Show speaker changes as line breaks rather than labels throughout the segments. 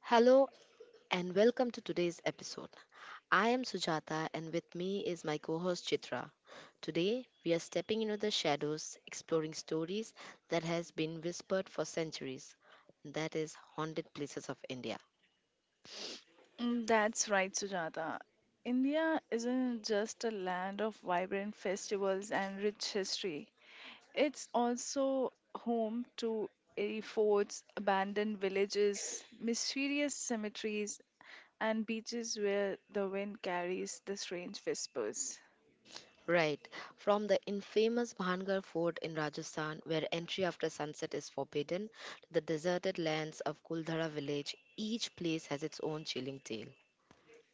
Hello and welcome to today's episode. I am Sujata and with me is my co host Chitra. Today we are stepping into the shadows, exploring stories that has been whispered for centuries. That is haunted places of India.
Mm, that's right, Sujata. India isn't just a land of vibrant festivals and rich history. It's also home to airy forts, abandoned villages, mysterious cemeteries, and beaches where the wind carries the strange whispers.
Right, from the infamous Bhangar fort in Rajasthan where entry after sunset is forbidden to the deserted lands of Kuldhara village, each place has its own chilling tale.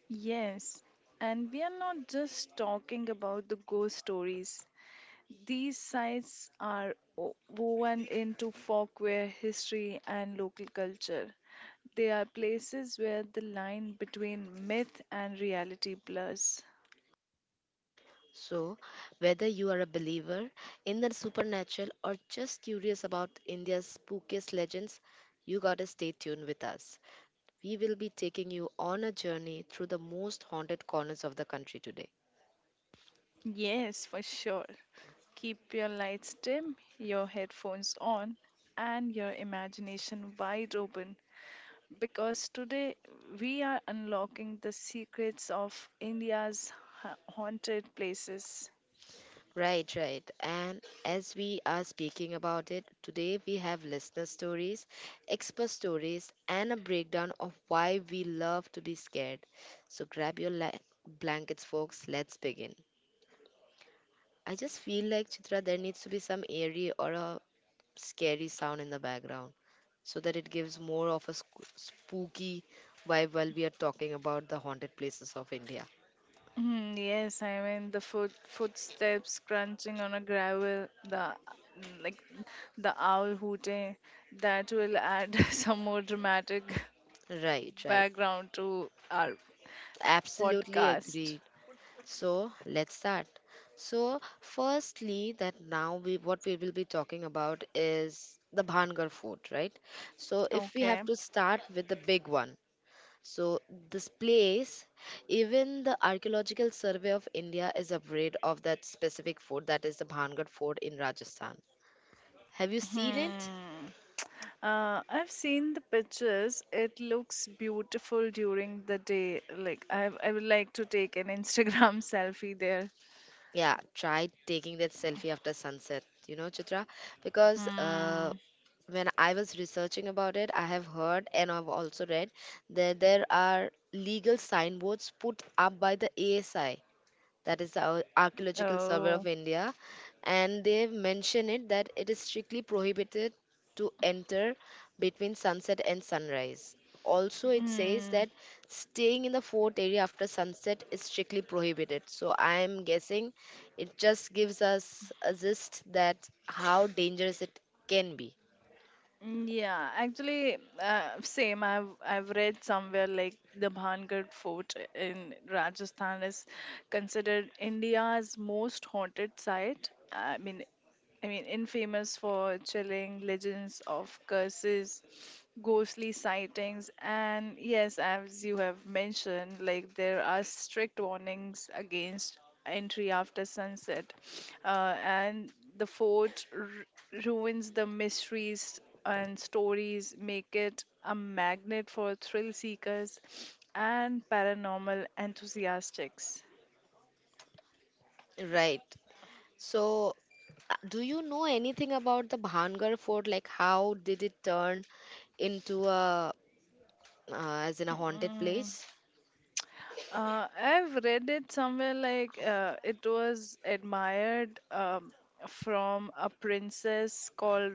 Yes, and we are not just talking about the ghost stories. These sites are woven into folklore, history, and local culture. They are places where the line between myth and reality blurs.
So, whether you are a believer in the supernatural or just curious about India's spookiest legends, you gotta stay tuned with us. We will be taking you on a journey through the most haunted corners of the country today.
Yes, for sure. Keep your lights dim, your headphones on, and your imagination wide open because today we are unlocking the secrets of India's haunted places.
Right, right. And as we are speaking about it, today we have listener stories, expert stories, and a breakdown of why we love to be scared. So grab your blankets, folks. Let's begin. I just feel like Chitra, there needs to be some eerie or a scary sound in the background so that it gives more of a spooky vibe while we are talking about the haunted places of India.
Mm, yes, I mean the footsteps crunching on a gravel, the like the owl hooting. That will add some more dramatic
Right, right.
background to our
Absolutely
podcast.
agreed. So let's start. So firstly, that now we what we will be talking about is the Bhangar Fort, right? So if we
Okay.
have to start with the big one, So, this place, even the Archaeological Survey of India is afraid of that specific fort, that is the Bhangad Fort in Rajasthan. Have you seen it?
Hmm. I've seen the pictures. It looks beautiful during the day. Like I would like to take an Instagram selfie there.
Yeah, try taking that selfie after sunset, you know, Chitra, because
Hmm.
when I was researching about it, I have heard and I've also read that there are legal signboards put up by the ASI that is the Archaeological Survey of
Oh.
India, and they mention it that it is strictly prohibited to enter between sunset and sunrise. Also, it says
Hmm.
that staying in the fort area after sunset is strictly prohibited. So, I am guessing it just gives us a gist that how dangerous it can be.
Mm, yeah, actually, same. I've read somewhere like the Bhangad Fort in Rajasthan is considered India's most haunted site. I mean, infamous for chilling legends of curses, ghostly sightings, and yes, as you have mentioned, like there are strict warnings against entry after sunset, and the fort ruins, the mysteries and stories, make it a magnet for thrill seekers and paranormal enthusiasts.
Right. So, do you know anything about the Bhangar Fort? Like, how did it turn into a as in a haunted
Mm.
place.
I've read it somewhere like it was admired from a princess called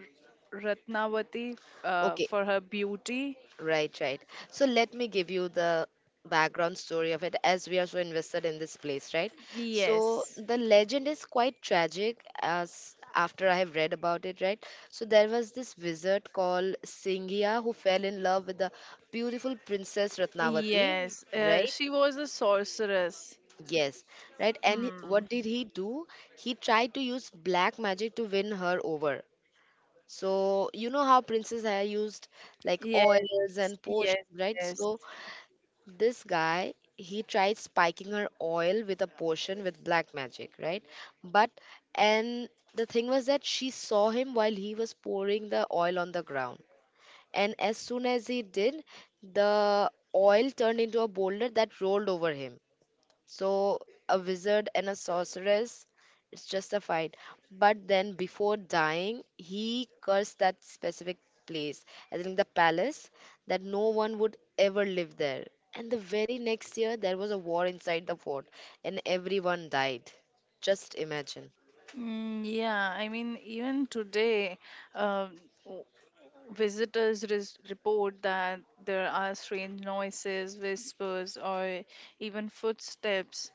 Ratnavati
Okay,
for her beauty.
right, right. So let me give you the background story of it as we are so invested in this place, right? So
Yes,
the legend is quite tragic as after I have read about it, right? So there was this wizard called Singhia who fell in love with the beautiful princess Ratnavati.
yes.
Right,
She was a sorceress.
yes, right. And
Hmm.
what did he do? He tried to use black magic to win her over. So you know how Princess Haya used like
Yes,
oils and
yes,
potions, right?
yes.
So this guy he tried spiking her oil with a potion with black magic, right? But and the thing was that she saw him while he was pouring the oil on the ground. And as soon as he did, the oil turned into a boulder that rolled over him. So a wizard and a sorceress, it's just a fight. But then before dying, he cursed that specific place, I think the palace, that no one would ever live there. And the very next year, there was a war inside the fort, and everyone died. Just imagine.
Mm, yeah, I mean, even today, um, w- visitors report that there are strange noises, whispers, or even footsteps,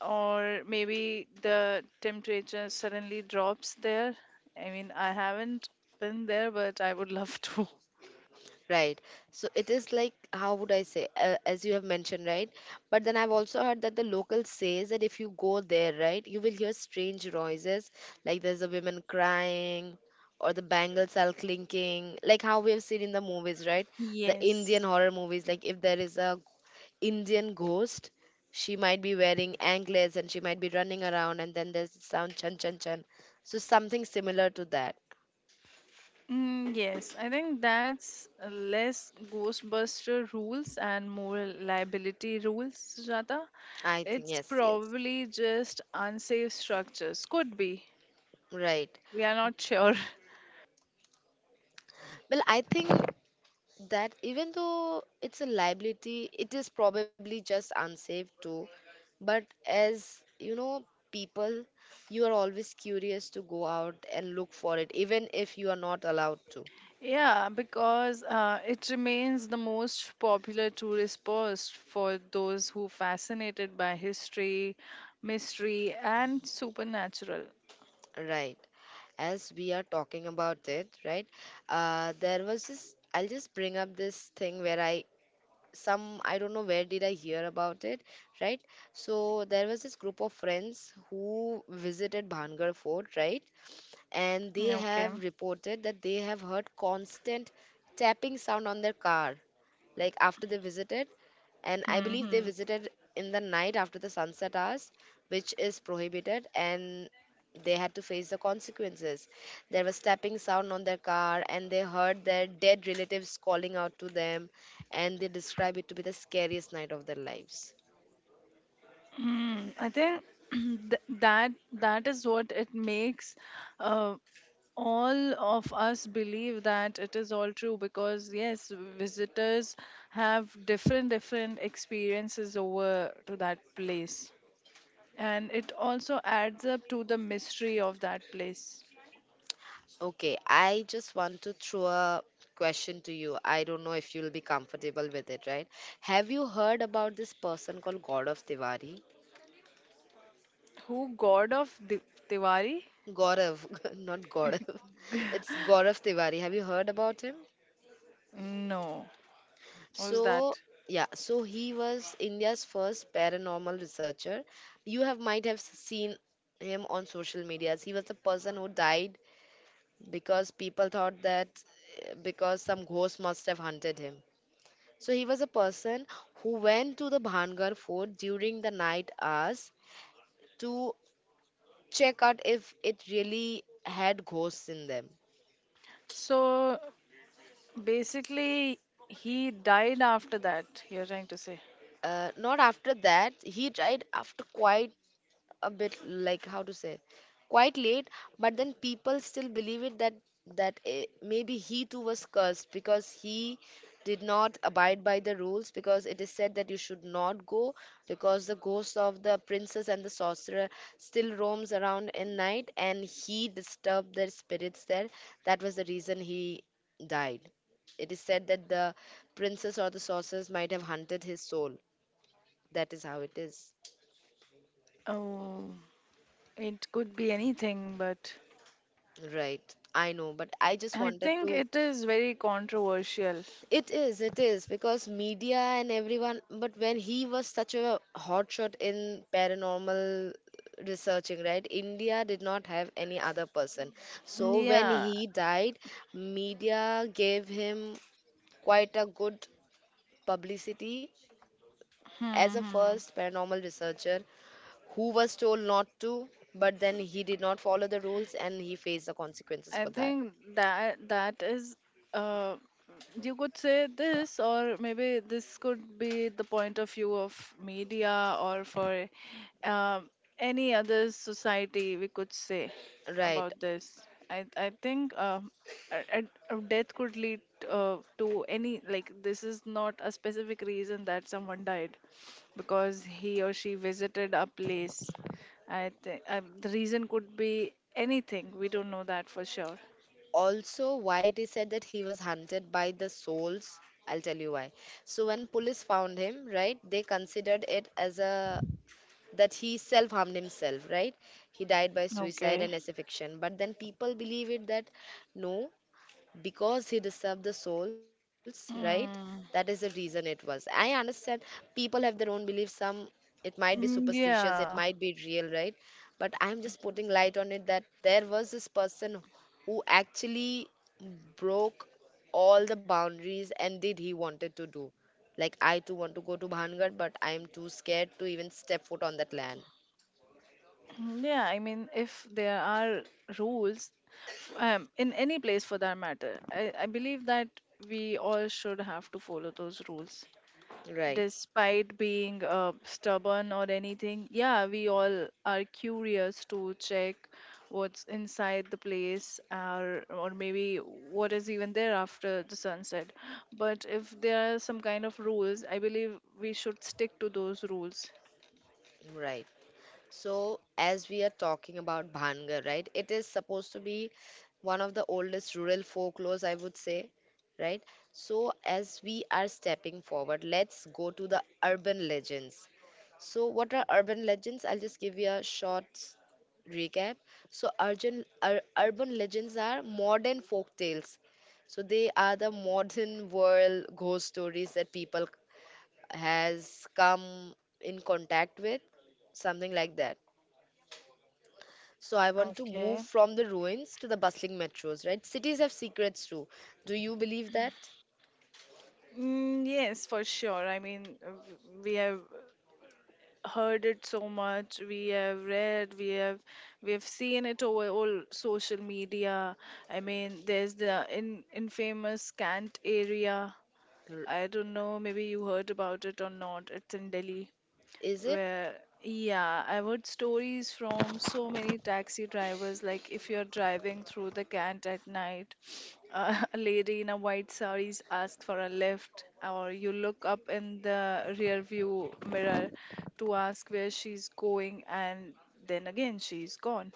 or maybe the temperature suddenly drops there. I mean, I haven't been there, but I would love to.
Right. So it is like, how would I say, as you have mentioned, right? But then I've also heard that the local says that if you go there, right, you will hear strange noises, like there's a woman crying or the bangles are clinking, like how we have seen in the movies, right? The Indian
Yes.
horror movies, like if there is a Indian ghost, she might be wearing anklets and she might be running around, and then there's the sound chan chan chan. So something similar to that,
Mm, yes, I think that's less Ghostbuster rules and more liability rules, Jata.
I think.
It's
Yes, yes.
probably just unsafe structures. Could be.
Right.
We are not sure.
Well, I think that even though it's a liability, it is probably just unsafe too. But as you know, people, you are always curious to go out and look for it, even if you are not allowed to.
Yeah, because it remains the most popular tourist post for those who fascinated by history, mystery, and supernatural.
Right. As we are talking about it, right? There was this, I'll just bring up this thing where I don't know where did I hear about it, right? So there was this group of friends who visited Bhangar Fort, right? And they
Okay.
have reported that they have heard constant tapping sound on their car, like after they visited, and I believe they
Hmm.
visited in the night after the sunset hours, which is prohibited, and they had to face the consequences. There was tapping sound on their car and they heard their dead relatives calling out to them, and they describe it to be the scariest night of their lives.
Hmm. I think that that is what it makes uh, all of us believe that it is all true because yes, visitors have different different experiences over to that place, and it also adds up to the mystery of that place.
Okay, I just want to throw a question to you. I don't know if you'll be comfortable with it, right? Have you heard about this person called Gaurav Tiwari?
Who, god of Diwali?
Gaurav, not Gaurav. It's Gaurav Tiwari. Have you heard about him?
No. Who's that?
So, yeah, so he was India's first paranormal researcher. You have might have seen him on social medias. He was the person who died because people thought that because some ghost must have hunted him. So he was a person who went to the Bhangar fort during the night hours to check out if it really had ghosts in them.
So basically, he died after that, you're trying to say.
Not after that, he tried after quite a bit, like how to say, quite late, but then people still believe it that that maybe he too was cursed because he did not abide by the rules, because it is said that you should not go because the ghost of the princess and the sorcerer still roams around in night and he disturbed their spirits there. That was the reason he died. It is said that the princess or the sorceress might have hunted his soul. That is how it is.
Oh, it could be anything, but
Right. I know, but I just
I
wanted
think
to.
it is very controversial.
It is, because media and everyone. But when he was such a hotshot in paranormal researching, right? India did not have any other person. So when
Yeah.
he died, media gave him quite a good publicity as
Hmm.
a
Hmm.
first paranormal researcher who was told not to, but then he did not follow the rules and he faced the consequences
I
for that.
think that that is uh you could say this, or maybe this could be the point of view of media or for um, any other society we could say
Right.
about this. I think a death could lead to any, like, this is not a specific reason that someone died because he or she visited a place. I think the reason could be anything. We don't know that for sure.
Also why they said that he was hunted by the souls, I'll tell you why. So when police found him, right, they considered it as a that he self harmed himself, right? He died by suicide
Okay.
and asphyxiation, but then people believe it that no, because he disturbed the souls, right? That is the
Mm,
reason it was. I understand people have their own beliefs. Some it might be
mm,
superstitious, it
yeah.
might be real, right? But I'm just putting light on it that there was this person who actually broke all the boundaries and did he wanted to do. Like I too want to go to Bhangad, but I'm too scared to even step foot on that land.
Mm, yeah, I mean, if there are rules in any place for that matter, I believe that we all should have to follow those rules.
Right,
Despite being stubborn or anything, yeah, we all are curious to check what's inside the place, or maybe what is even there after the sunset. But if there are some kind of rules, I believe we should stick to those rules.
right. So, as we are talking about Bhangar, right? It is supposed to be one of the oldest rural folklores, I would say, right? So, as we are stepping forward, let's go to the urban legends. So, what are urban legends? I'll just give you a short recap. So, urban legends are modern folk tales. So, they are the modern world ghost stories that people has come in contact with, something like that. So I want to
Okay.
move from the ruins to the bustling metros, right? Cities have secrets too. Do you believe that?
Mm, yes, for sure. I mean, we have heard it so much. We have read, we have seen it over all social media. I mean, there's the in infamous Cant area.
R-
I don't know, maybe you heard about it or not. It's in Delhi.
Is it?
Where, yeah, I've heard stories from so many taxi drivers. Like, if you're driving through the Cant at night, a lady in a white sari asks for a lift, or you look up in the rear view mirror to ask where she's going, and then again, she's gone.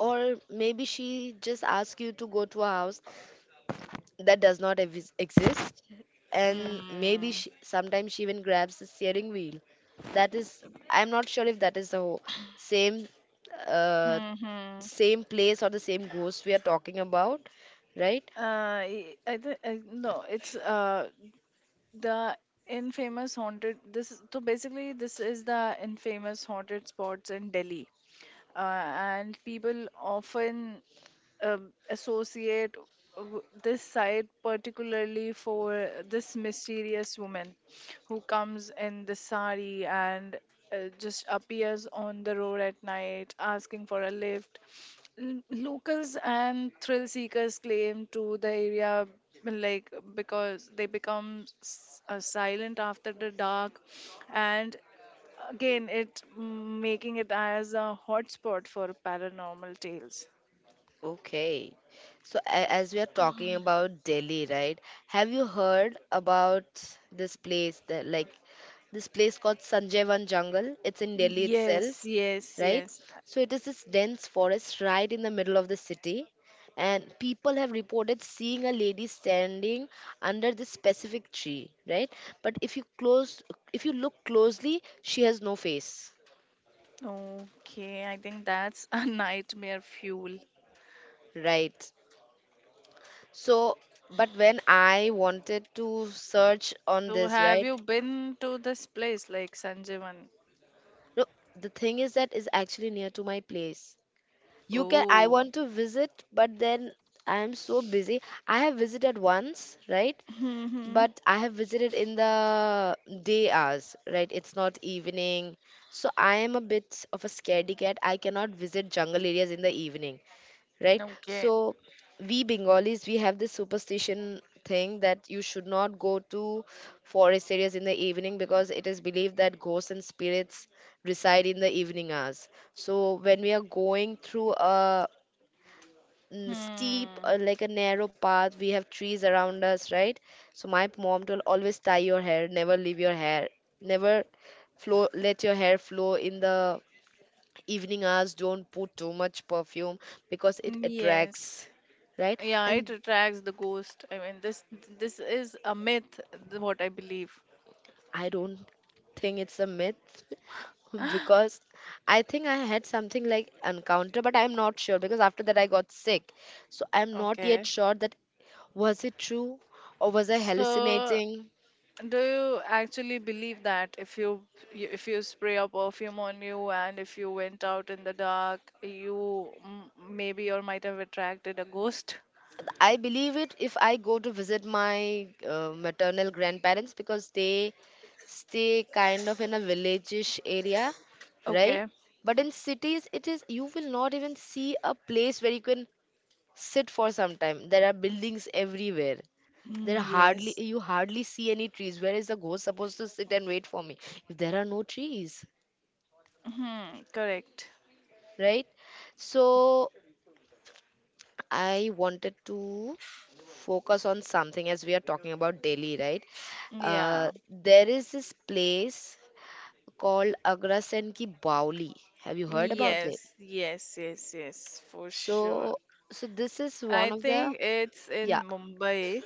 Or maybe she just asked you to go to a house that does not evis exist, and maybe
Hmm.
she, sometimes she even grabs the steering wheel. That is, I'm not sure if that is the whole, same, uh,
Mm-hmm.
same place or the same ghost we are talking about, right?
I, th- I no, it's the infamous haunted so basically this is the infamous haunted spots in Delhi, and people often associate this site particularly for this mysterious woman who comes in the sari and just appears on the road at night asking for a lift. Locals and thrill seekers claim to the area, like, because they become silent after the dark, and again making it as a hotspot for paranormal tales.
Okay. So as we are talking about Delhi, right? Have you heard about this place that like this place called Sanjayvan Jungle? It's in Delhi
Yes,
itself,
yes,
right?
yes.
So it is this dense forest right in the middle of the city. And people have reported seeing a lady standing under this specific tree, right? But if you close, if you look closely, she has no face,
Okay, I think that's a nightmare fuel.
right? So, but when I wanted to search on
So
this,
have
right?
you been to this place like Sanjeevan?
No, the thing is that is actually near to my place. You can, I
Oh.
want to visit, but then I am so busy. I have visited once, right?
Hmm.
But I have visited in the day hours, right? It's not evening. So I am a bit of a scaredy cat. I cannot visit jungle areas in the evening. Right?
Okay.
So we Bengalis we have this superstition thing that you should not go to forest areas in the evening because it is believed that ghosts and spirits reside in the evening hours. So when we are going through a steep
Hmm.
like a narrow path, we have trees around us, right? So my mom told always tie your hair, never leave your hair, never flow, let your hair flow in the evening hours, don't put too much perfume because it
Yes.
attracts. Right.
Yeah,
And
it attracts the ghost. I mean, this is a myth, what I believe.
I don't think it's a myth because I think I had something like encounter, but I'm not sure because after that I got sick. So I'm not yet
Okay.
sure that was it true or was I
So,
hallucinating.
do you actually believe that if you if you spray a perfume on you and if you went out in the dark, you maybe or might have attracted a ghost?
I believe it if I go to visit my maternal grandparents because they stay kind of in a villageish area, right?
Okay.
But in cities, it is you will not even see a place where you can sit for some time. There are buildings everywhere. There are
Mm,
hardly
yes.
you hardly see any trees. Where is the ghost supposed to sit and wait for me if there are no trees,
Hmm, correct.
right? So I wanted to focus on something as we are talking about Delhi, right?
Yeah.
There is this place called Agrasen ki Bauli. Have you heard about it?
Yes, yes, yes, yes, for sure.
So, so this is one
I
of the
think it's in
yeah.
Mumbai.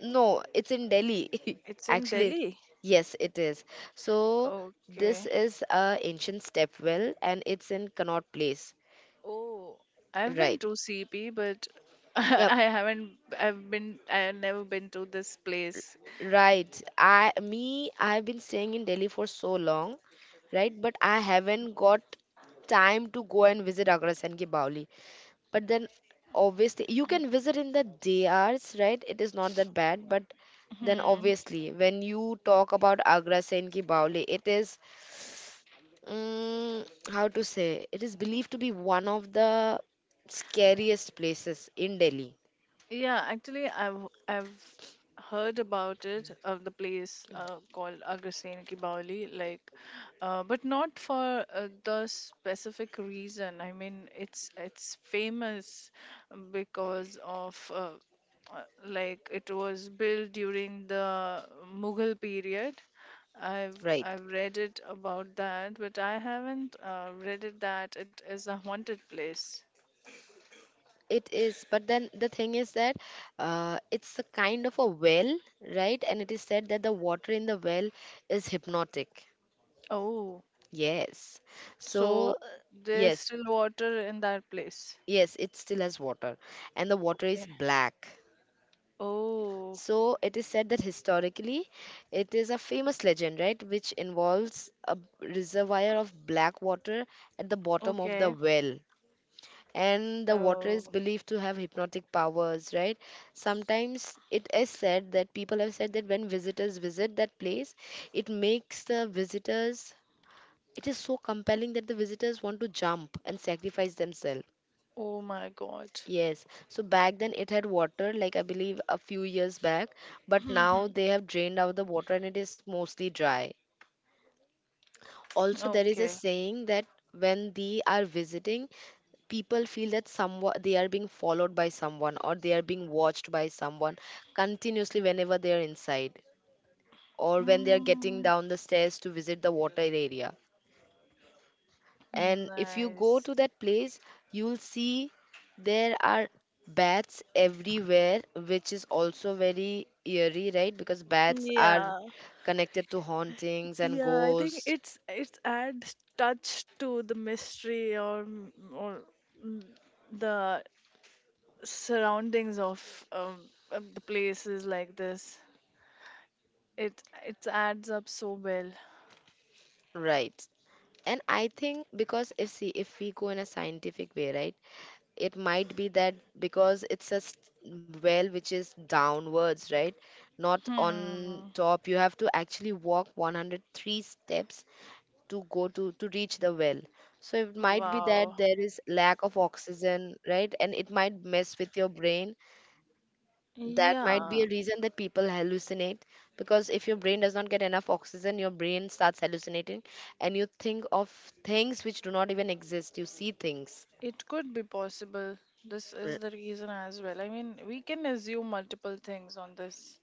No, it's in Delhi.
It's in
Actually,
Delhi.
yes, it is. So this
Okay.
is a ancient stepwell and it's in Connaught Place.
Oh, I've been
Right.
to CP, but
Yeah.
I haven't. I've been. I've never been to this place.
Right. I've been staying in Delhi for so long, right? But I haven't got time to go and visit Agra Sen Ki Baoli. But then obviously you can visit in the day hours, right? It is not that bad, but then
Hmm.
obviously when you talk about Agra Sen Ki Baoli, it is how to say, it is believed to be one of the scariest places in Delhi,
Yeah, actually, I've heard about it, of the place called Agastyan Ki Baoli, like, but not for the specific reason. I mean, it's famous because of like, it was built during the Mughal period. I've
right?
I've read it about that, but I haven't read it that it is a haunted place.
It is, but then the thing is that it's a kind of a well, right? And it is said that the water in the well is hypnotic.
Oh.
Yes.
So
So, uh,
there's
yes,
still water in that place.
yes, it still has water, and the water is
Okay.
black.
Oh,
So, it is said that historically, it is a famous legend, right, which involves a reservoir of black water at the bottom of the
okay.
well. And the water is
Oh,
believed to have hypnotic powers, right? Sometimes it is said that people have said that when visitors visit that place, it makes the visitors, it is so compelling that the visitors want to jump and sacrifice themselves.
oh my God.
Yes. So back then it had water, like I believe a few years back, but now they have drained out the water and it is mostly dry. Also there is a
Okay.
saying that when they are visiting, people feel that someone they are being followed by someone or they are being watched by someone continuously whenever they are inside or when they are getting
Mm,
down the stairs to visit the water area. And if you go
nice.
to that place, you'll see there are bats everywhere, which is also very eerie, right? Because bats are
Yeah,
connected to hauntings and
yeah. I think
ghosts,
it's adds touch to the mystery or mm, the surroundings of the places like this. It adds up so well.
right? And I think because if see if we go in a scientific way, right, it might be that because it's a well which is downwards, right? Not on
Hmm.
top, you have to actually walk 103 steps to go to reach the well. So it might be
Wow.
that there is lack of oxygen, right? And it might mess with your brain. That might be
Yeah,
a reason that people hallucinate, because if your brain does not get enough oxygen, your brain starts hallucinating and you think of things which do not even exist, you see things.
it could be possible. This is the reason as well. I mean, we can assume multiple things on this.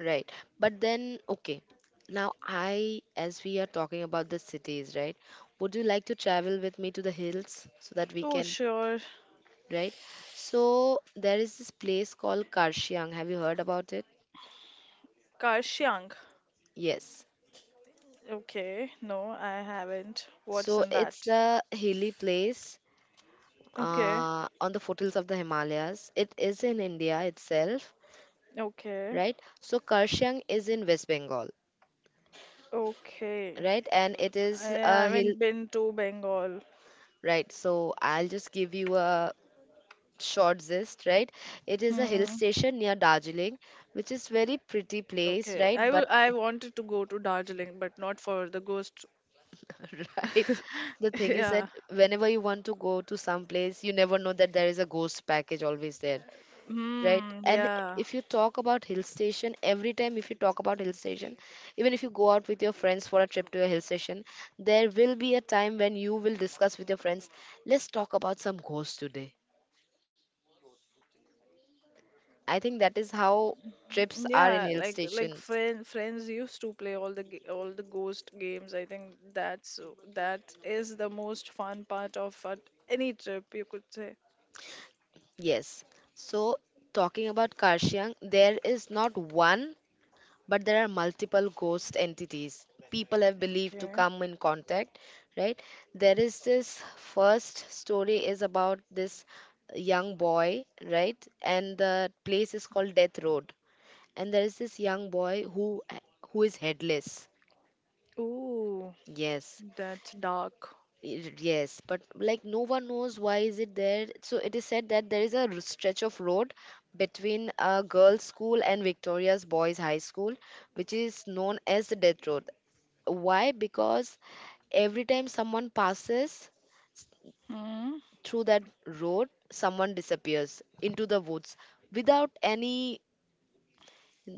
Right. But then, okay. Now, I, as we are talking about the cities, right? Would you like to travel with me to the hills so that we
Oh,
can,
sure.
right? So, there is this place called Karshiang. Have you heard about it?
Karshyang.
Yes.
Okay, no, I haven't. What's
So,
in
it's
that?
a hilly place
Okay,
on the foothills of the Himalayas. It is in India itself,
okay,
right? So, Karshiang is in West Bengal,
okay.
right? And it
I
is a hill,
haven't been to Bengal.
right? So, I'll just give you a short zest, right? It is a hill
Hmm.
station near Darjeeling, which is very pretty place,
Okay,
right?
I
But
will. I wanted to go to Darjeeling, but not for the ghost.
right, the thing is that
Yeah.
whenever you want to go to some place, you never know that there is a ghost package always there, right?
Hmm.
And
Yeah,
if you talk about hill station, every time if you talk about hill station, even if you go out with your friends for a trip to a hill station, there will be a time when you will discuss with your friends, let's talk about some ghosts today. I think that is how trips are in
Yeah,
hill
like
stations.
friends used to play all the ghost games. I think that is the most fun part of at any trip, you could say.
Yes. So, talking about Karshyang, there is not one, but there are multiple ghost entities people have believed to
Okay.
come in contact, right? There is this first story is about this young boy, right? And the place is called Death Road. And there is this young boy who is headless.
Ooh,
Yes.
that's dark.
Yes, but like no one knows why is it there. So it is said that there is a stretch of road between a girls' school and Victoria's boys' high school, which is known as the Death Road. Why? Because every time someone passes
Hmm.
through that road, someone disappears into the woods without any,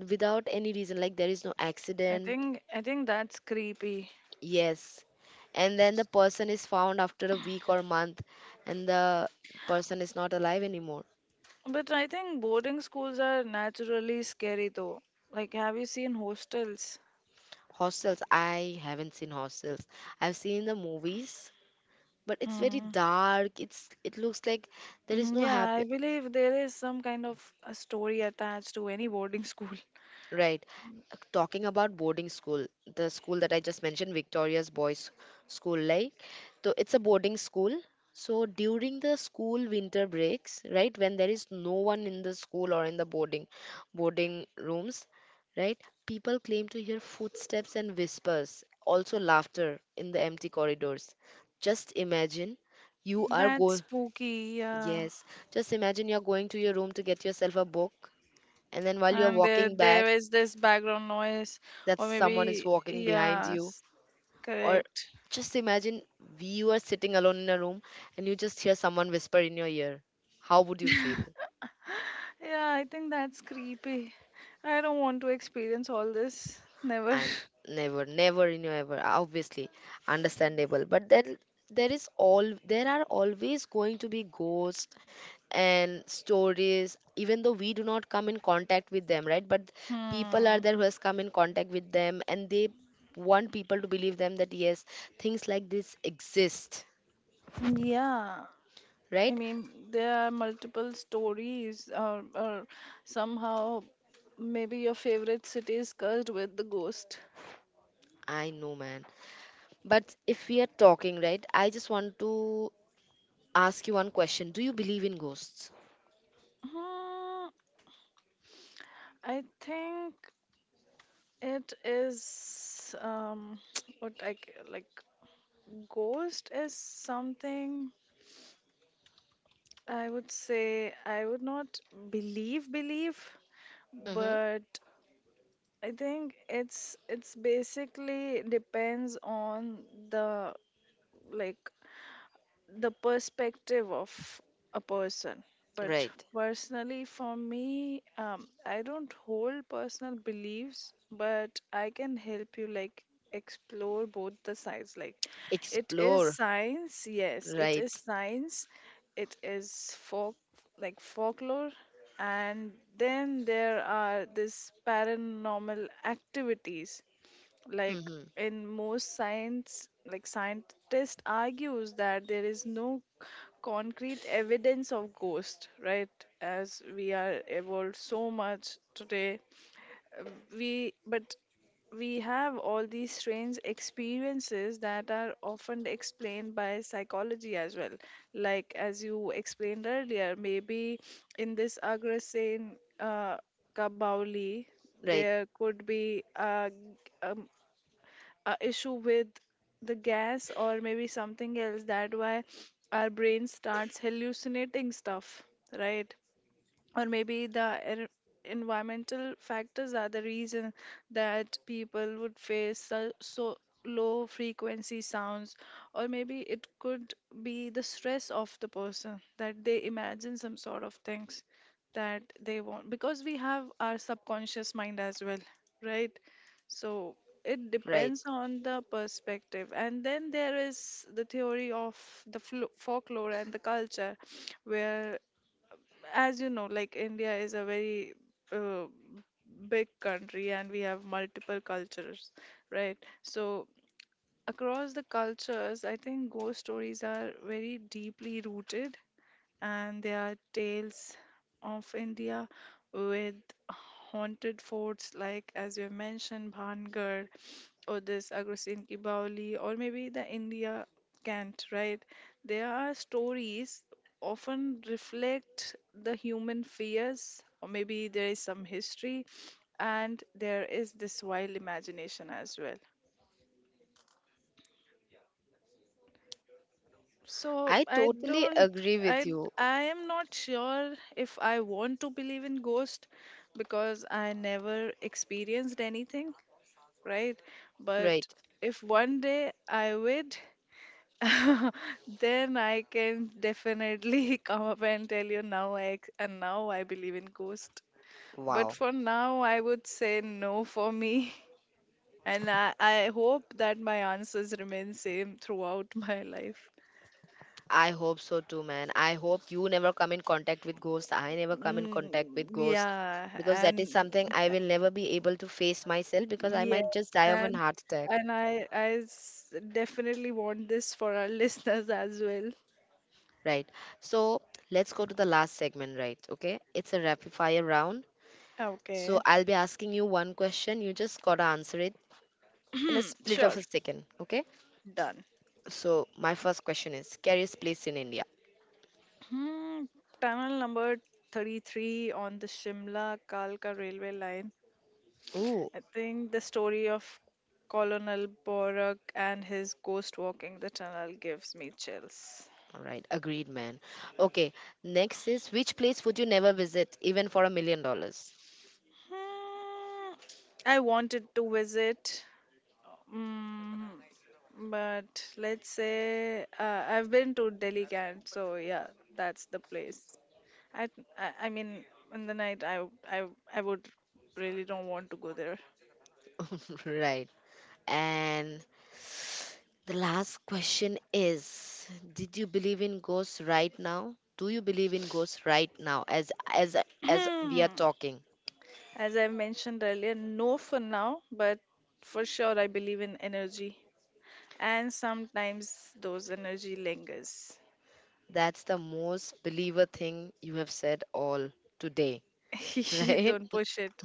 without any reason. Like there is no
I
accident.
think I think that's creepy.
Yes. And then the person is found after a week or month and the person is not alive anymore.
But I think boarding schools are naturally scary though. Like, have you seen hostels?
Hostels, I haven't seen hostels. I've seen the movies, but it's very
Hmm.
dark. It's it looks like there is no
Yeah,
happy.
I believe there is some kind of a story attached to any boarding school.
Right. Talking about boarding school, the school that I just mentioned, Victoria's boys school, like, so it's a boarding school. So during the school winter breaks, right, when there is no one in the school or in the boarding rooms, right, people claim to hear footsteps and whispers, also laughter in the empty corridors. Just imagine you are
That's
going.
spooky, yeah.
Yes. Just imagine you're going to your room to get yourself a book and then while you're
And there,
walking back,
there is this background noise,
that
or
someone is
maybe,
walking behind you.
yes,
Or
correct.
just imagine you are sitting alone in a room and you just hear someone whisper in your ear, how would you feel?
Yeah, I think that's creepy. I don't want to experience all this. Never.
And never, never in your ever obviously understandable, but then there is all there are always going to be ghosts and stories even though we do not come in contact with them, right? But people are
Hmm.
there who has come in contact with them and they want people to believe them that yes, things like this exist,
Yeah. I
right?
mean, there are multiple stories, or somehow maybe your favorite city is cursed with the ghost.
I know, man. But if we are talking, right, I just want to ask you one question. Do you believe in ghosts?
Hmm. I think it is what like, ghost is something I would say I would not believe,
Mm-hmm.
but I think it's basically depends on the, like, the perspective of a person. But
Right.
personally, for me, I don't hold personal beliefs, but I can help you like explore both the sides. Like, it is
Explore.
science, yes, it
Right.
is science, it is folk, like folklore, and then there are this paranormal activities. Like
Mm-hmm.
in most science, like, scientist argues that there is no concrete evidence of ghost, right? As we are evolved so much today, we but we have all these strange experiences that are often explained by psychology as well. Like as you explained earlier, maybe in this Agrasen uh, Kabauli,
Right.
there could be um, a issue with the gas or maybe something else, that why our brain starts hallucinating stuff, right? Or maybe the environmental factors are the reason that people would face, so, low frequency sounds, or maybe it could be the stress of the person that they imagine some sort of things that they want because we have our subconscious mind as well, right? So it
Right.
depends on the perspective. And then there is the theory of the folklore and the culture, where, as you know, like, India is a very uh, big country and we have multiple cultures, right? So across the cultures, I think ghost stories are very deeply rooted, and they are tales of India with haunted forts, like as you have mentioned, Bhangar or this Agrasin Ki Baoli or maybe the India Cant, right? There are stories often reflect the human fears, or maybe there is some history, and there is this wild imagination as well. So
I
I
totally
don't
agree with
I
you.
I am not sure if I want to believe in ghost because I never experienced anything, right? But
Right.
if one day I would, then I can definitely come up and tell you and now I believe in ghost. But
Wow.
for now I would say no for me, and I hope that my answers remain same throughout my life.
I hope so too, man. I hope you never come in contact with ghosts. I never come in contact with
Mm,
ghosts
yeah,
because that is
and
something I will never be able to face myself because I
yeah,
might just die of an
and
heart attack.
and definitely want this for our listeners as well.
Right. So let's go to the last segment, right? Okay. It's a rapid fire round.
Okay.
So I'll be asking you one question. You just gotta answer it in a
Hmm,
split of
sure.
a second. Okay.
Done.
So my first question is scariest place in India.
Hmm, tunnel number 33 on the Shimla Kalka railway line.
Ooh.
I think the story of Colonel Borak and his ghost walking the tunnel gives me chills.
All right. Agreed, man. Okay. Next is which place would you never visit even for $1 million?
Hmm, I wanted to visit, Mm, but let's say I've been to Delhi Camp, so yeah, that's the place. I, I mean, in the night, I would really don't want to go there.
Right. And the last question is, did you believe in ghosts right now? Do you believe in ghosts right now as we are
Hmm.
talking?
As I mentioned earlier, no for now, but for sure I believe in energy, and sometimes those energy lingers.
That's the most believer thing you have said all today, right?
Don't push it.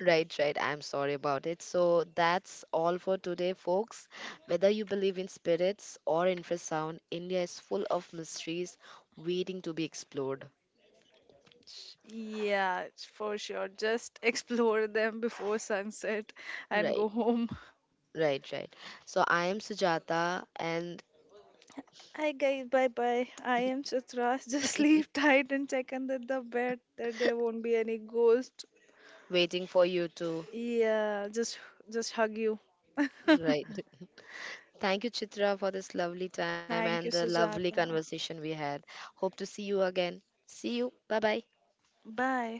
Right, right. I'm sorry about it. So that's all for today, folks. Whether you believe in spirits or infrasound, India is full of mysteries waiting to be explored.
Yeah, for sure. Just explore them before sunset and go
Right,
home.
right, right. So I am Sujata and
Hi guys, bye bye. I am Chitras. Just sleep tight and check under the bed that there won't be any ghost.
waiting for you to.
Yeah, just hug you.
Right. Thank you, Chitra, for this lovely time and
Thank
the
you,
lovely
Sujata.
conversation we had. Hope to see you again. See you. Bye bye.
Bye.